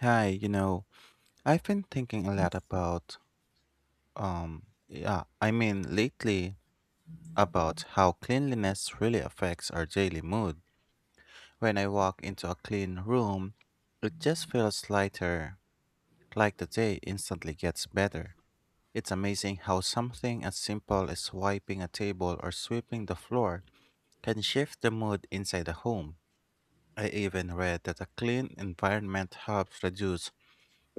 Hi, you know, I've been thinking a lot about, um, yeah, I mean, lately about how cleanliness really affects our daily mood. When I walk into a clean room, it just feels lighter, like the day instantly gets better. It's amazing how something as simple as wiping a table or sweeping the floor can shift the mood inside a home. I even read that a clean environment helps reduce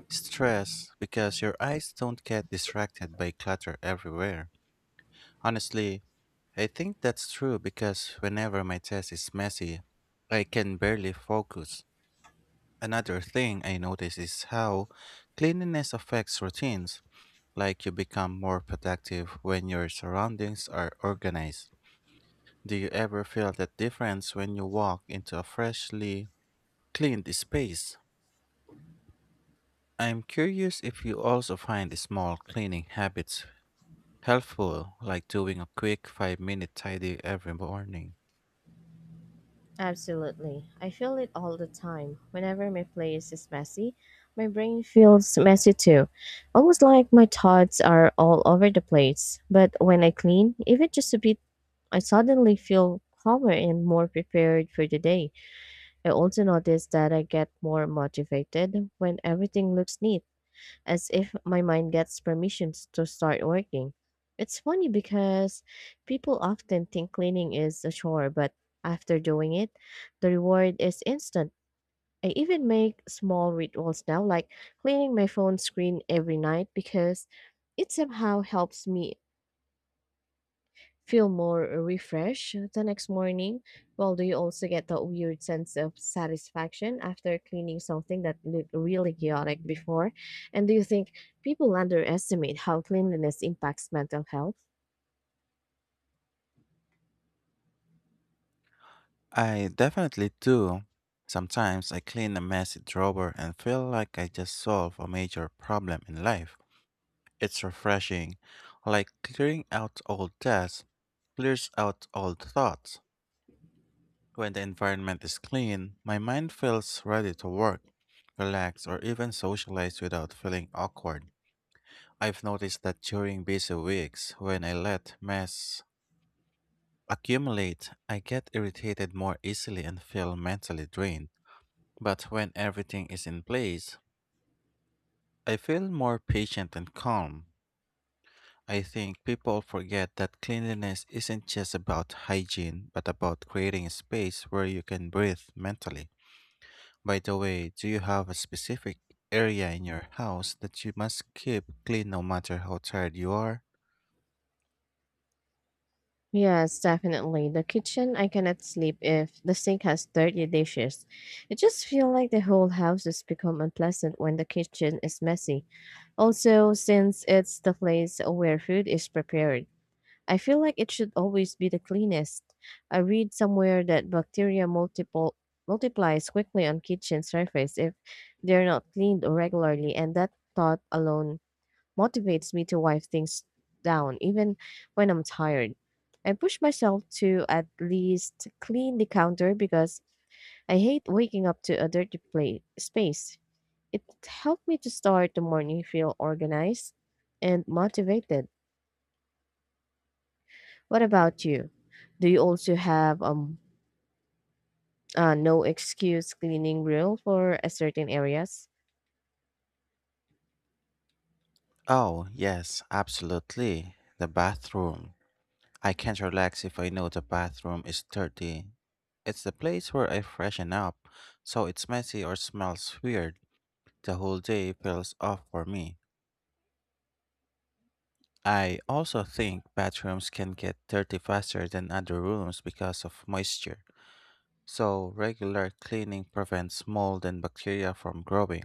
stress because your eyes don't get distracted by clutter everywhere. Honestly, I think that's true because whenever my test is messy, I can barely focus. Another thing I notice is how cleanliness affects routines, like you become more productive when your surroundings are organized. Do you ever feel that difference when you walk into a freshly cleaned space? I'm curious if you also find small cleaning habits helpful, like doing a quick 5-minute tidy every morning. Absolutely. I feel it all the time. Whenever my place is messy, my brain feels messy too. Almost like my thoughts are all over the place. But when I clean, even just a bit, I suddenly feel calmer and more prepared for the day. I also notice that I get more motivated when everything looks neat as if my mind gets permissions to start working. It's funny because people often think cleaning is a chore, but after doing it, the reward is instant. I even make small rituals now, like cleaning my phone screen every night because it somehow helps me feel more refreshed the next morning. Well, do you also get that weird sense of satisfaction after cleaning something that looked really chaotic before? And do you think people underestimate how cleanliness impacts mental health? I definitely do. Sometimes I clean a messy drawer and feel like I just solved a major problem in life. It's refreshing, like clearing out old debts clears out old thoughts. When the environment is clean, my mind feels ready to work, relax, or even socialize without feeling awkward. I've noticed that during busy weeks, when I let mess accumulate, I get irritated more easily and feel mentally drained. But when everything is in place, I feel more patient and calm. I think people forget that cleanliness isn't just about hygiene, but about creating a space where you can breathe mentally. By the way, do you have a specific area in your house that you must keep clean no matter how tired you are? Yes, definitely. The kitchen, I cannot sleep if the sink has dirty dishes. It just feels like the whole house has become unpleasant when the kitchen is messy. Also, since it's the place where food is prepared, I feel like it should always be the cleanest. I read somewhere that bacteria multiple multiplies quickly on kitchen surface if they're not cleaned regularly, and that thought alone motivates me to wipe things down even when I'm tired. I push myself to at least clean the counter because I hate waking up to a dirty plate space. It helped me to start the morning feel organized and motivated. What about you? Do you also have no excuse cleaning rule for a certain areas? Oh, yes, absolutely. The bathroom. I can't relax if I know the bathroom is dirty. It's the place where I freshen up, so it's messy or smells weird. The whole day feels off for me. I also think bathrooms can get dirty faster than other rooms because of moisture. So regular cleaning prevents mold and bacteria from growing.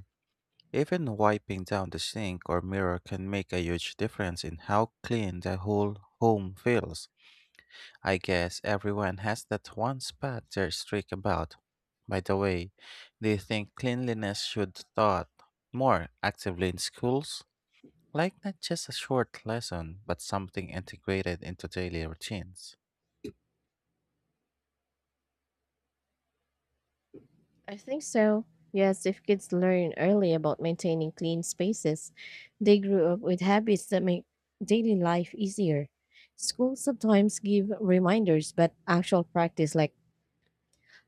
Even wiping down the sink or mirror can make a huge difference in how clean the whole home feels. I guess everyone has that one spot they're strict about. By the way, do you think cleanliness should taught more actively in schools? Like not just a short lesson, but something integrated into daily routines. I think so. Yes, if kids learn early about maintaining clean spaces, they grew up with habits that make daily life easier. Schools sometimes give reminders, but actual practice, like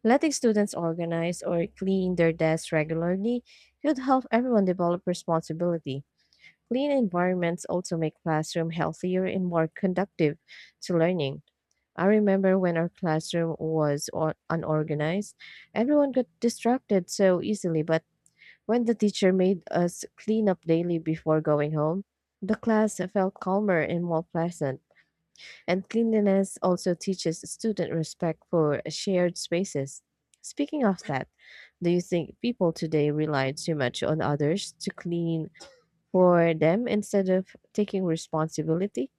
letting students organize or clean their desks regularly, could help everyone develop responsibility. Clean environments also make classroom healthier and more conductive to learning. I remember when our classroom was unorganized, everyone got distracted so easily, but when the teacher made us clean up daily before going home, the class felt calmer and more pleasant. And cleanliness also teaches student respect for shared spaces. Speaking of that, do you think people today rely too much on others to clean for them instead of taking responsibility?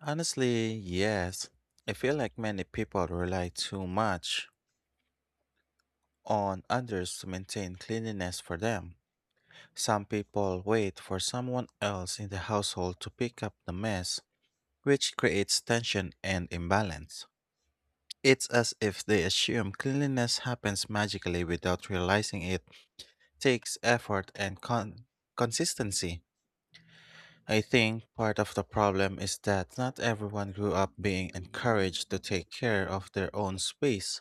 Honestly, yes. I feel like many people rely too much on others to maintain cleanliness for them. Some people wait for someone else in the household to pick up the mess, which creates tension and imbalance. It's as if they assume cleanliness happens magically without realizing it takes effort and consistency. I think part of the problem is that not everyone grew up being encouraged to take care of their own space.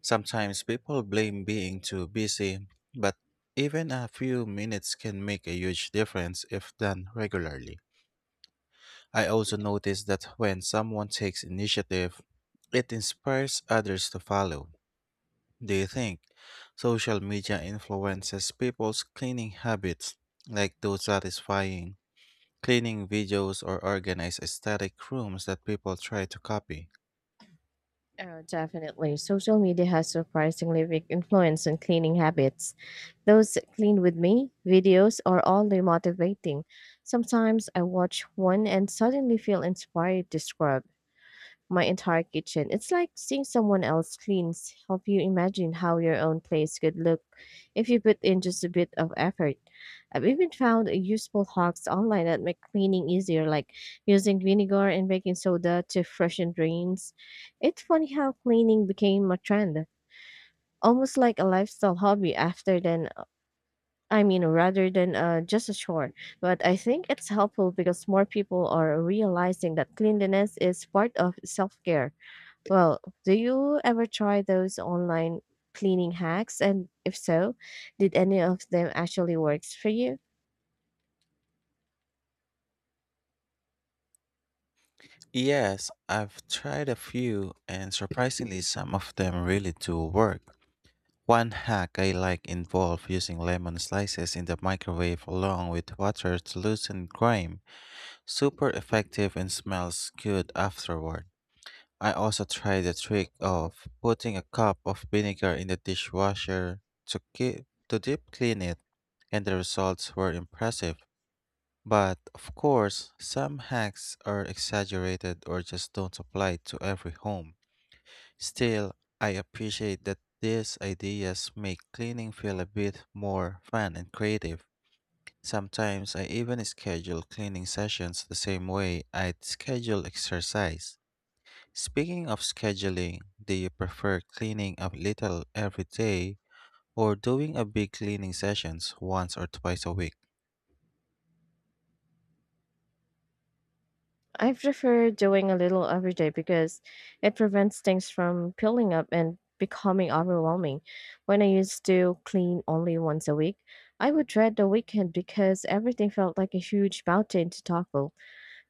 Sometimes people blame being too busy, but even a few minutes can make a huge difference if done regularly. I also notice that when someone takes initiative, it inspires others to follow. Do you think social media influences people's cleaning habits, like those satisfying cleaning videos or organized aesthetic rooms that people try to copy? Oh, definitely. Social media has surprisingly big influence on cleaning habits. Those clean with me videos are all the motivating. Sometimes I watch one and suddenly feel inspired to scrub my entire kitchen. It's like seeing someone else cleans. Help you imagine how your own place could look if you put in just a bit of effort. I've even found useful hacks online that make cleaning easier, like using vinegar and baking soda to freshen drains. It's funny how cleaning became a trend, almost like a lifestyle hobby after then, I mean rather than just a chore. But I think it's helpful because more people are realizing that cleanliness is part of self-care. Well, do you ever try those online cleaning hacks? And if so, did any of them actually works for you? Yes, I've tried a few, and surprisingly, some of them really do work. One hack I like involved using lemon slices in the microwave along with water to loosen grime. Super effective and smells good afterward. I also tried the trick of putting a cup of vinegar in the dishwasher to keep to deep clean it, and the results were impressive. But of course, some hacks are exaggerated or just don't apply to every home. Still, I appreciate that these ideas make cleaning feel a bit more fun and creative. Sometimes I even schedule cleaning sessions the same way I'd schedule exercise. Speaking of scheduling, do you prefer cleaning up little every day or doing a big cleaning sessions once or twice a week? I prefer doing a little every day because it prevents things from piling up and becoming overwhelming. When I used to clean only once a week, I would dread the weekend because everything felt like a huge mountain to tackle.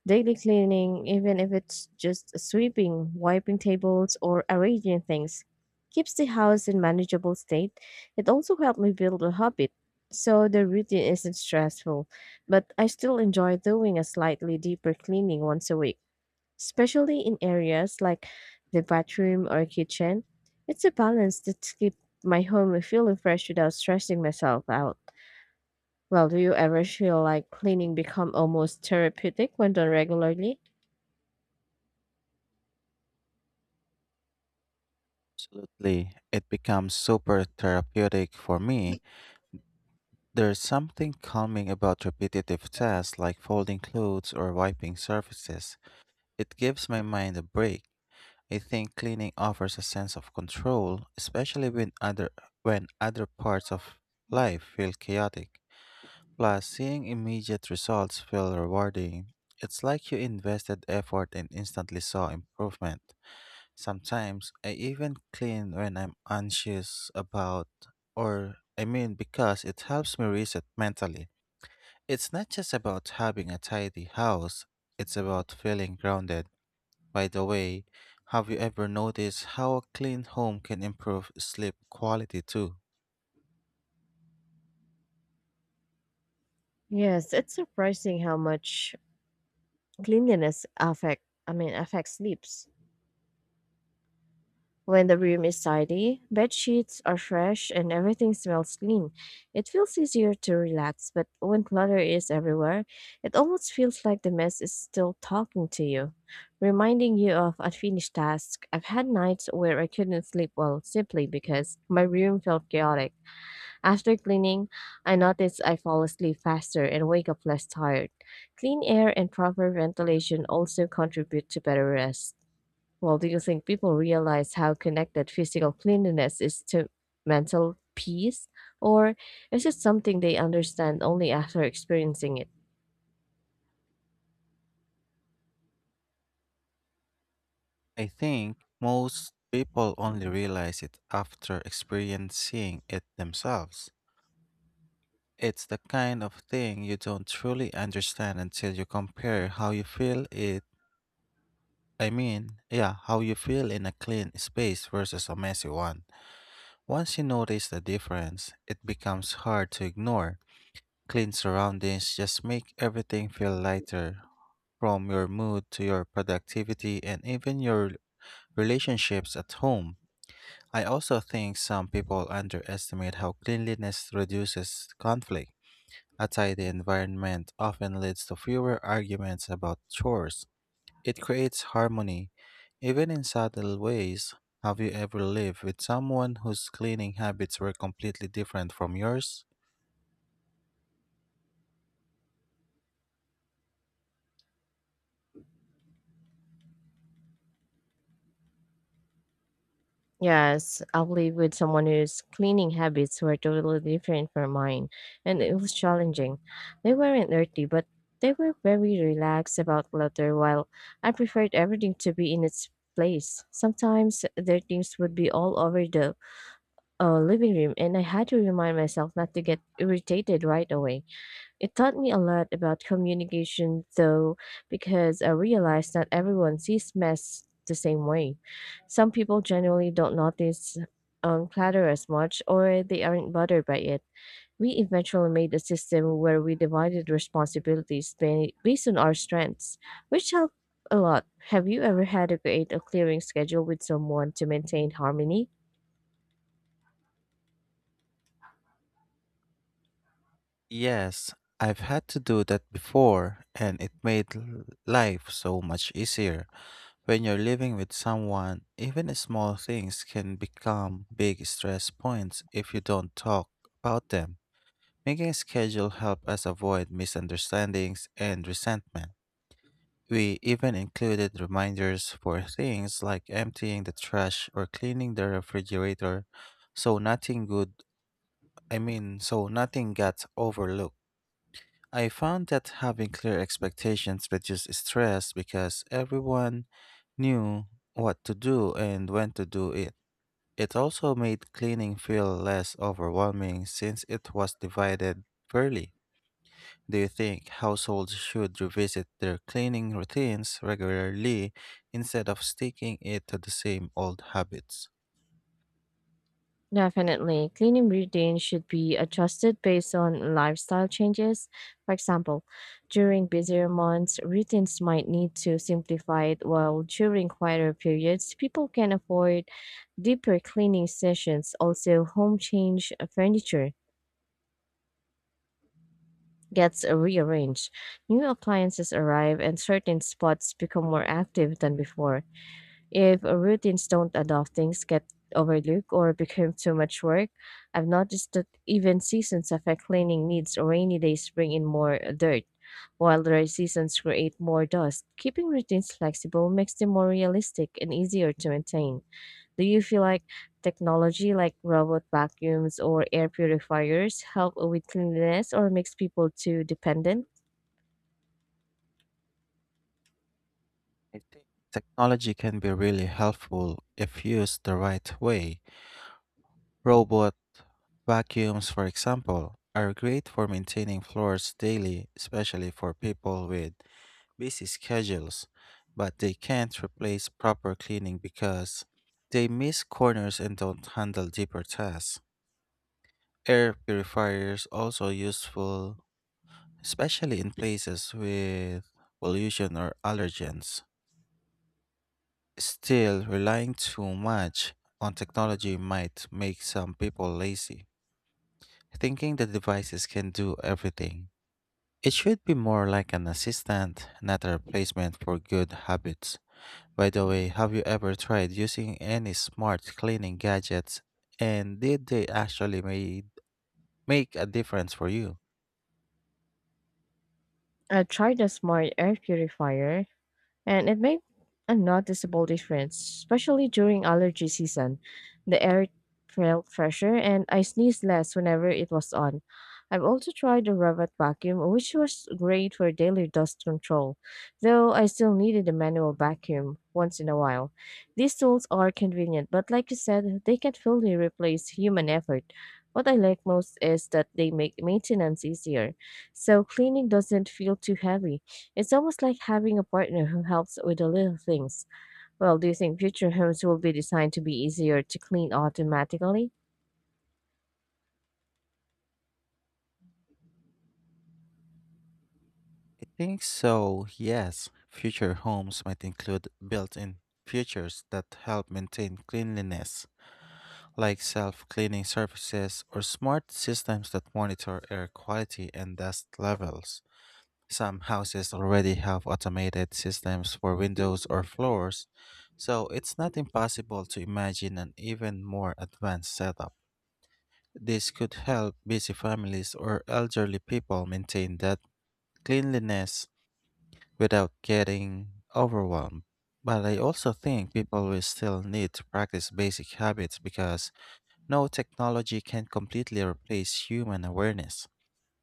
Daily cleaning, even if it's just sweeping, wiping tables, or arranging things, keeps the house in manageable state. It also helped me build a habit, so the routine isn't stressful. But I still enjoy doing a slightly deeper cleaning once a week, especially in areas like the bathroom or kitchen. It's a balance that keeps my home feeling fresh without stressing myself out. Well, do you ever feel like cleaning become almost therapeutic when done regularly? Lately, it becomes super therapeutic for me. There's something calming about repetitive tasks like folding clothes or wiping surfaces. It gives my mind a break. I think cleaning offers a sense of control, especially when other parts of life feel chaotic. Plus, seeing immediate results feel rewarding. It's like you invested effort and instantly saw improvement. Sometimes I even clean when I'm anxious about, or I mean, because it helps me reset mentally. It's not just about having a tidy house, it's about feeling grounded. By the way, have you ever noticed how a clean home can improve sleep quality too? Yes, it's surprising how much cleanliness affect I mean affects sleeps. When the room is tidy, bed sheets are fresh and everything smells clean. It feels easier to relax, but when clutter is everywhere, it almost feels like the mess is still talking to you, reminding you of unfinished tasks. I've had nights where I couldn't sleep well simply because my room felt chaotic. After cleaning, I notice I fall asleep faster and wake up less tired. Clean air and proper ventilation also contribute to better rest. Well, do you think people realize how connected physical cleanliness is to mental peace? Or is it something they understand only after experiencing it? I think most people only realize it after experiencing it themselves. It's the kind of thing you don't truly understand until you compare how you feel it. I mean, yeah, how you feel in a clean space versus a messy one. Once you notice the difference, it becomes hard to ignore. Clean surroundings just make everything feel lighter, from your mood to your productivity and even your relationships at home. I also think some people underestimate how cleanliness reduces conflict. A tidy environment often leads to fewer arguments about chores. It creates harmony, even in subtle ways. Have you ever lived with someone whose cleaning habits were completely different from yours? Yes, I've lived with someone whose cleaning habits were totally different from mine, and it was challenging. They weren't dirty, but they were very relaxed about clutter, while I preferred everything to be in its place. Sometimes their things would be all over the living room, and I had to remind myself not to get irritated right away. It taught me a lot about communication, though, because I realized that everyone sees mess the same way. Some people generally don't notice clutter as much, or they aren't bothered by it. We eventually made a system where we divided responsibilities based on our strengths, which helped a lot. Have you ever had to create a clearing schedule with someone to maintain harmony? Yes, I've had to do that before, and it made life so much easier. When you're living with someone, even small things can become big stress points if you don't talk about them. Making a schedule helped us avoid misunderstandings and resentment. We even included reminders for things like emptying the trash or cleaning the refrigerator so nothing good I mean so nothing gets overlooked. I found that having clear expectations reduced stress because everyone knew what to do and when to do it. It also made cleaning feel less overwhelming since it was divided fairly. Do you think households should revisit their cleaning routines regularly instead of sticking it to the same old habits? Definitely. Cleaning routines should be adjusted based on lifestyle changes. For example, during busier months, routines might need to simplify it, while during quieter periods, people can afford deeper cleaning sessions. Also, home change furniture gets rearranged. New appliances arrive, and certain spots become more active than before. If routines don't adopt, things get overlooked or become too much work. I've noticed that even seasons affect cleaning needs. Rainy days bring in more dirt, while dry seasons create more dust. Keeping routines flexible makes them more realistic and easier to maintain. Do you feel like technology like robot vacuums or air purifiers help with cleanliness or makes people too dependent? I think technology can be really helpful if used the right way. Robot vacuums, for example, are great for maintaining floors daily, especially for people with busy schedules, but they can't replace proper cleaning because they miss corners and don't handle deeper tasks. Air purifiers also useful, especially in places with pollution or allergens. Still, relying too much on technology might make some people lazy. Thinking the devices can do everything. It should be more like an assistant, not a replacement for good habits. By the way, have you ever tried using any smart cleaning gadgets and did they make a difference for you? I tried a smart air purifier and it made a noticeable difference, especially during allergy season. The air felt fresher, and I sneezed less whenever it was on. I've also tried the Revit vacuum, which was great for daily dust control, though I still needed a manual vacuum once in a while. These tools are convenient, but like you said, they can fully replace human effort. What I like most is that they make maintenance easier, so cleaning doesn't feel too heavy. It's almost like having a partner who helps with the little things. Well, do you think future homes will be designed to be easier to clean automatically? I think so, yes. Future homes might include built in features that help maintain cleanliness, like self cleaning surfaces or smart systems that monitor air quality and dust levels. Some houses already have automated systems for windows or floors, so it's not impossible to imagine an even more advanced setup. This could help busy families or elderly people maintain that cleanliness without getting overwhelmed. But I also think people will still need to practice basic habits because no technology can completely replace human awareness.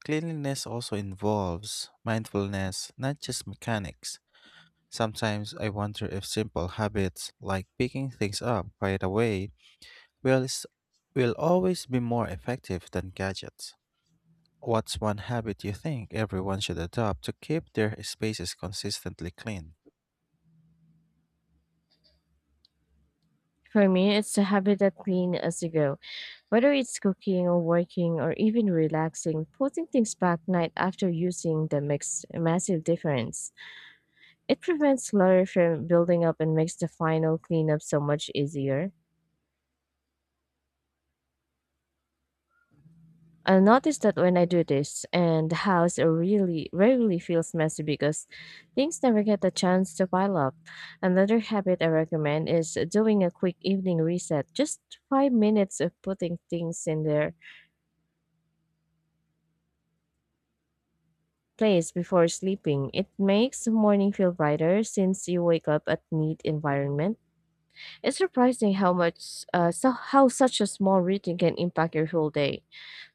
Cleanliness also involves mindfulness, not just mechanics. Sometimes I wonder if simple habits like picking things up right away will, s- will always be more effective than gadgets. What's one habit you think everyone should adopt to keep their spaces consistently clean? For me, it's a habit that clean as you go. Whether it's cooking or working or even relaxing, putting things back night after using them makes a massive difference. It prevents clutter from building up and makes the final cleanup so much easier. I noticed that when I do this, and the house really rarely feels messy because things never get a chance to pile up. Another habit I recommend is doing a quick evening reset, just 5 minutes of putting things in their place before sleeping. It makes the morning feel brighter since you wake up at neat environment. It's surprising how much how such a small routine can impact your whole day.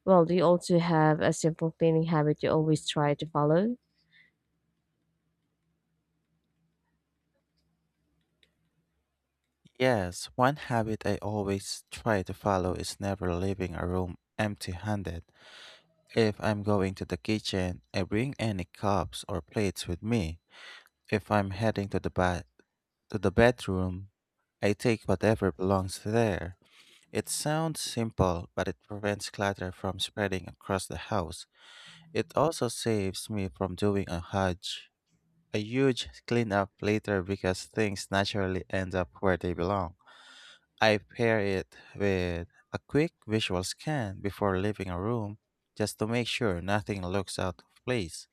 Well, do you also have a simple cleaning habit you always try to follow? Yes, one habit I always try to follow is never leaving a room empty handed. If I'm going to the kitchen, I bring any cups or plates with me. If I'm heading to the bedroom, I take whatever belongs there. It sounds simple, but it prevents clutter from spreading across the house. It also saves me from a huge cleanup later because things naturally end up where they belong. I pair it with a quick visual scan before leaving a room just to make sure nothing looks out of place.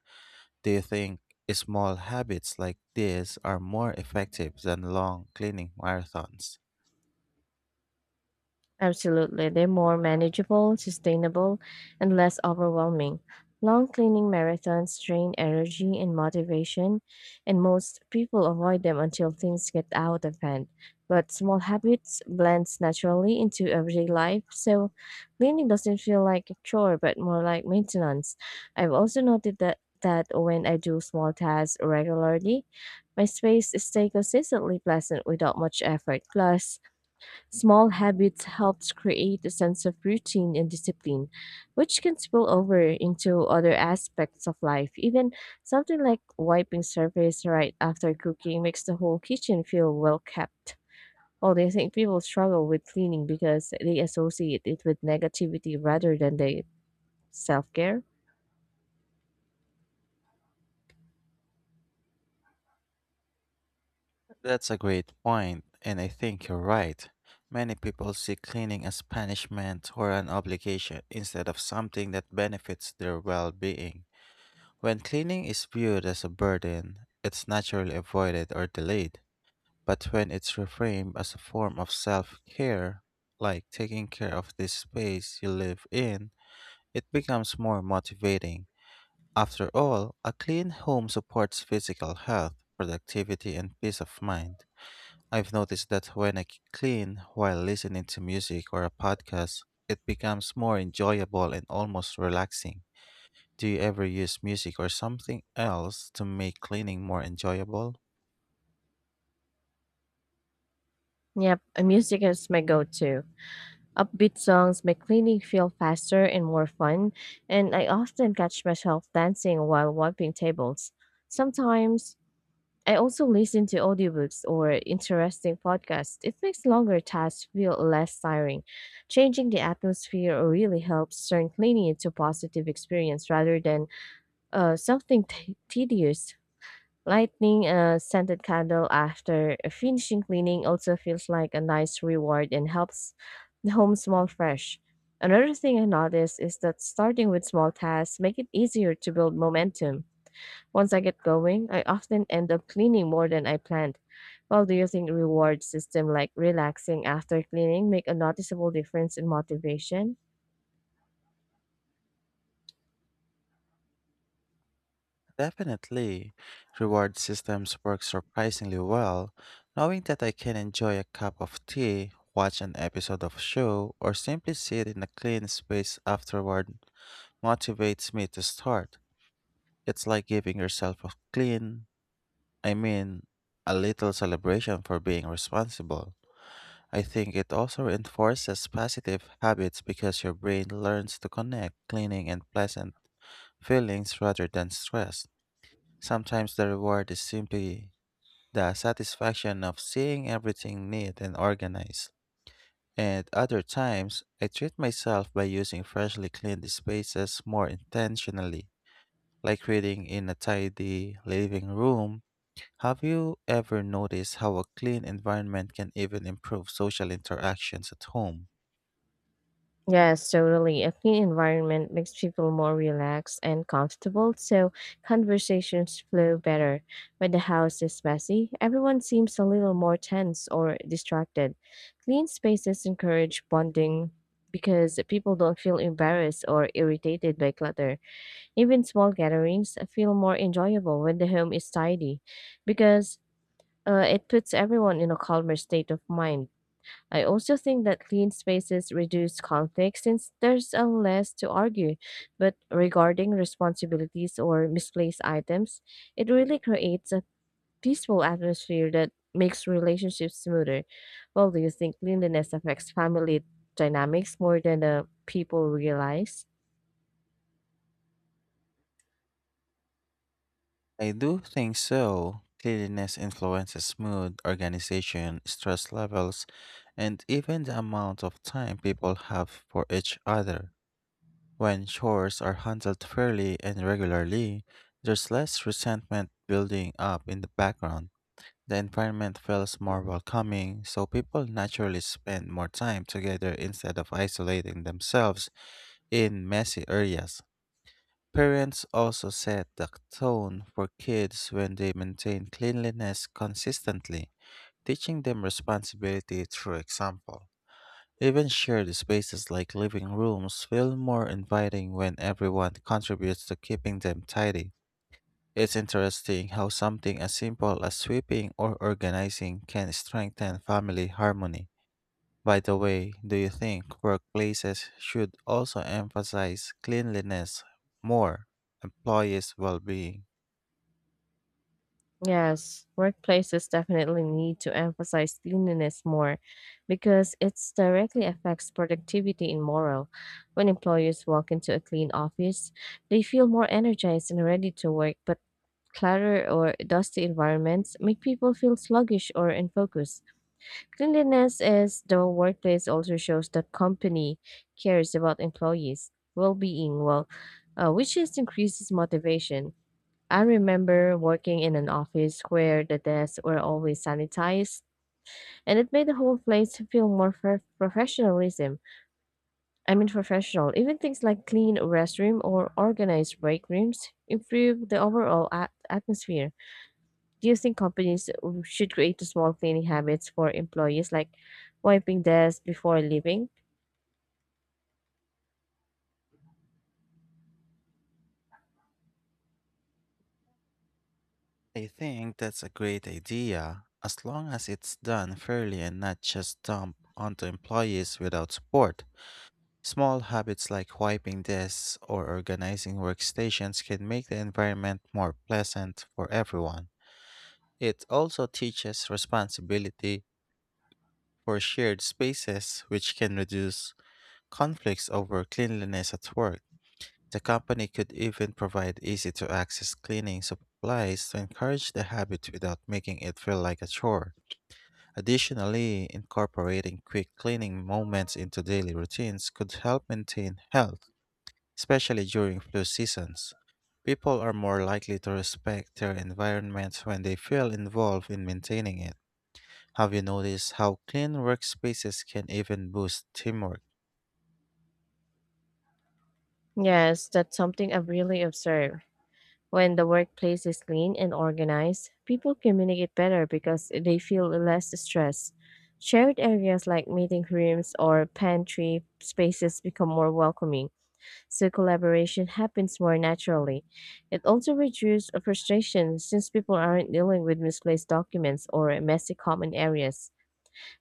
Do you think small habits like this are more effective than long cleaning marathons? Absolutely. They're more manageable, sustainable, and less overwhelming. Long cleaning marathons drain energy and motivation, and most people avoid them until things get out of hand. But small habits blends naturally into everyday life, so cleaning doesn't feel like a chore but more like maintenance. I've also noted that when I do small tasks regularly, my space stays consistently pleasant without much effort. Plus, small habits helps create a sense of routine and discipline, which can spill over into other aspects of life. Even something like wiping surface right after cooking makes the whole kitchen feel well kept. Although I think people struggle with cleaning because they associate it with negativity rather than they self care. That's a great point, and I think you're right. Many people see cleaning as punishment or an obligation instead of something that benefits their well being. When cleaning is viewed as a burden, it's naturally avoided or delayed. But when it's reframed as a form of self care, like taking care of this space you live in, it becomes more motivating. After all, a clean home supports physical health, productivity, and peace of mind. I've noticed that when I clean while listening to music or a podcast, it becomes more enjoyable and almost relaxing. Do you ever use music or something else to make cleaning more enjoyable? Yep, music is my go to. Upbeat songs make cleaning feel faster and more fun, and I often catch myself dancing while wiping tables. Sometimes I also listen to audiobooks or interesting podcasts. It makes longer tasks feel less tiring. Changing the atmosphere really helps turn cleaning into a positive experience rather than something tedious. Lighting a scented candle after finishing cleaning also feels like a nice reward and helps the home smell fresh. Another thing I noticed is that starting with small tasks make it easier to build momentum. Once I get going, I often end up cleaning more than I planned. Well, do you think reward system like relaxing after cleaning make a noticeable difference in motivation? Definitely. Reward systems work surprisingly well. Knowing that I can enjoy a cup of tea, watch an episode of a show, or simply sit in a clean space afterward motivates me to start. It's like giving yourself a clean I mean, a little celebration for being responsible. I think it also reinforces positive habits because your brain learns to connect cleaning and pleasant feelings rather than stress. Sometimes the reward is simply the satisfaction of seeing everything neat and organized. And other times, I treat myself by using freshly cleaned spaces more intentionally, like reading in a tidy living room. Have you ever noticed how a clean environment can even improve social interactions at home? Yes, totally. A clean environment makes people more relaxed and comfortable, so conversations flow better. When the house is messy, everyone seems a little more tense or distracted. Clean spaces encourage bonding because people don't feel embarrassed or irritated by clutter. Even small gatherings feel more enjoyable when the home is tidy because it puts everyone in a calmer state of mind. I also think that clean spaces reduce conflict since there's a less to argue. But regarding responsibilities or misplaced items, it really creates a peaceful atmosphere that makes relationships smoother. Well, do you think cleanliness affects family dynamics more than the people realize? I do think so. Cleanliness influences mood, organization, stress levels, and even the amount of time people have for each other. When chores are handled fairly and regularly, there's less resentment building up in the background. The environment feels more welcoming, so people naturally spend more time together instead of isolating themselves. In messy areas, parents also set the tone for kids when they maintain cleanliness consistently, teaching them responsibility through example. Even shared spaces like living rooms feel more inviting when everyone contributes to keeping them tidy. It's interesting how something as simple as sweeping or organizing can strengthen family harmony. By the way, do you think workplaces should also emphasize cleanliness more, employees' well being? Yes, workplaces definitely need to emphasize cleanliness more because it directly affects productivity and morale. When employees walk into a clean office, they feel more energized and ready to work, but clutter or dusty environments make people feel sluggish or unfocused. Cleanliness is the workplace also shows that company cares about employees' well-being, which just increases motivation. I remember working in an office where the desks were always sanitized, and it made the whole place feel more professionalism. I mean, professional. Even things like clean restroom or organized break rooms improve the overall atmosphere. Do you think companies should create small cleaning habits for employees, like wiping desks before leaving? I think that's a great idea, as long as it's done fairly and not just dumped onto employees without support. Small habits like wiping desks or organizing workstations can make the environment more pleasant for everyone. It also teaches responsibility for shared spaces, which can reduce conflicts over cleanliness at work. The company could even provide easy to access cleaning supplies to encourage the habit without making it feel like a chore. Additionally, incorporating quick cleaning moments into daily routines could help maintain health, especially during flu seasons. People are more likely to respect their environment when they feel involved in maintaining it. Have you noticed how clean workspaces can even boost teamwork? Yes, that's something I've really observed. When the workplace is clean and organized, people communicate better because they feel less stress. Shared areas like meeting rooms or pantry spaces become more welcoming, so collaboration happens more naturally. It also reduces frustration since people aren't dealing with misplaced documents or messy common areas.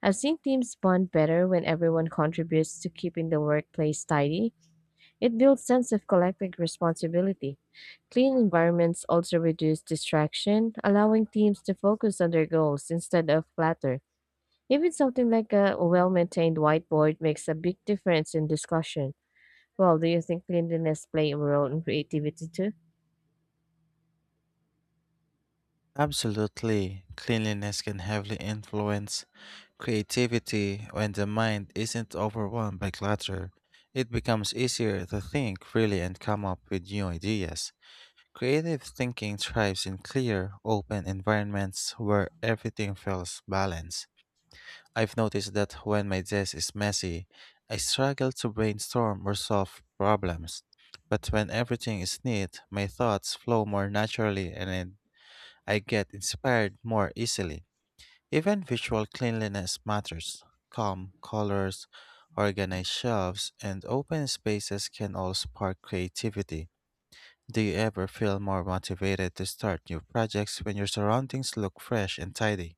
I've seen teams bond better when everyone contributes to keeping the workplace tidy it builds sense of collective responsibility. Clean environments also reduce distraction, allowing teams to focus on their goals instead of clutter. Even something like a well-maintained whiteboard makes a big difference in discussion. Well, do you think cleanliness play a role in creativity too? Absolutely. Cleanliness can heavily influence creativity when the mind isn't overwhelmed by clutter. It becomes easier to think freely and come up with new ideas. Creative thinking thrives in clear, open environments where everything feels balanced. I've noticed that when my desk is messy, I struggle to brainstorm or solve problems. But when everything is neat, my thoughts flow more naturally and I get inspired more easily. Even visual cleanliness matters. Calm colors, organized shelves, and open spaces can all spark creativity. Do you ever feel more motivated to start new projects when your surroundings look fresh and tidy?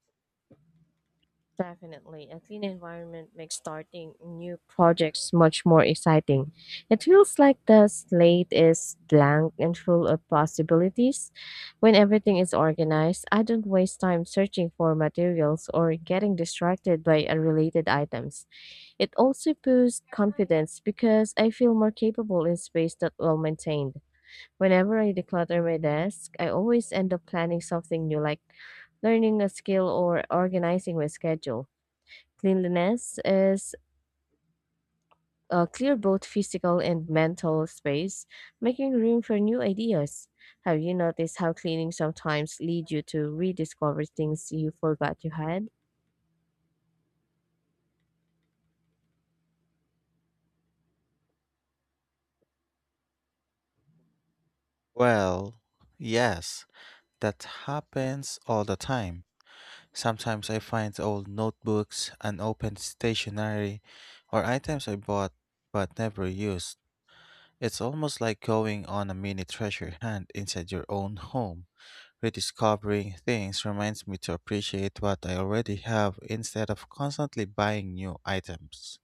Definitely, a clean environment makes starting new projects much more exciting. It feels like the slate is blank and full of possibilities. When everything is organized, I don't waste time searching for materials or getting distracted by unrelated items. It also boosts confidence because I feel more capable in space that well maintained. Whenever I declutter my desk, I always end up planning something new like learning a skill or organizing my schedule. Cleanliness is clear both physical and mental space, making room for new ideas. Have you noticed how cleaning sometimes leads you to rediscover things you forgot you had? Well, yes, that happens all the time. Sometimes I find old notebooks, unopened stationery, or items I bought but never use. It's almost like going on a mini treasure hunt inside your own home. Rediscovering things reminds me to appreciate what I already have instead of constantly buying new items.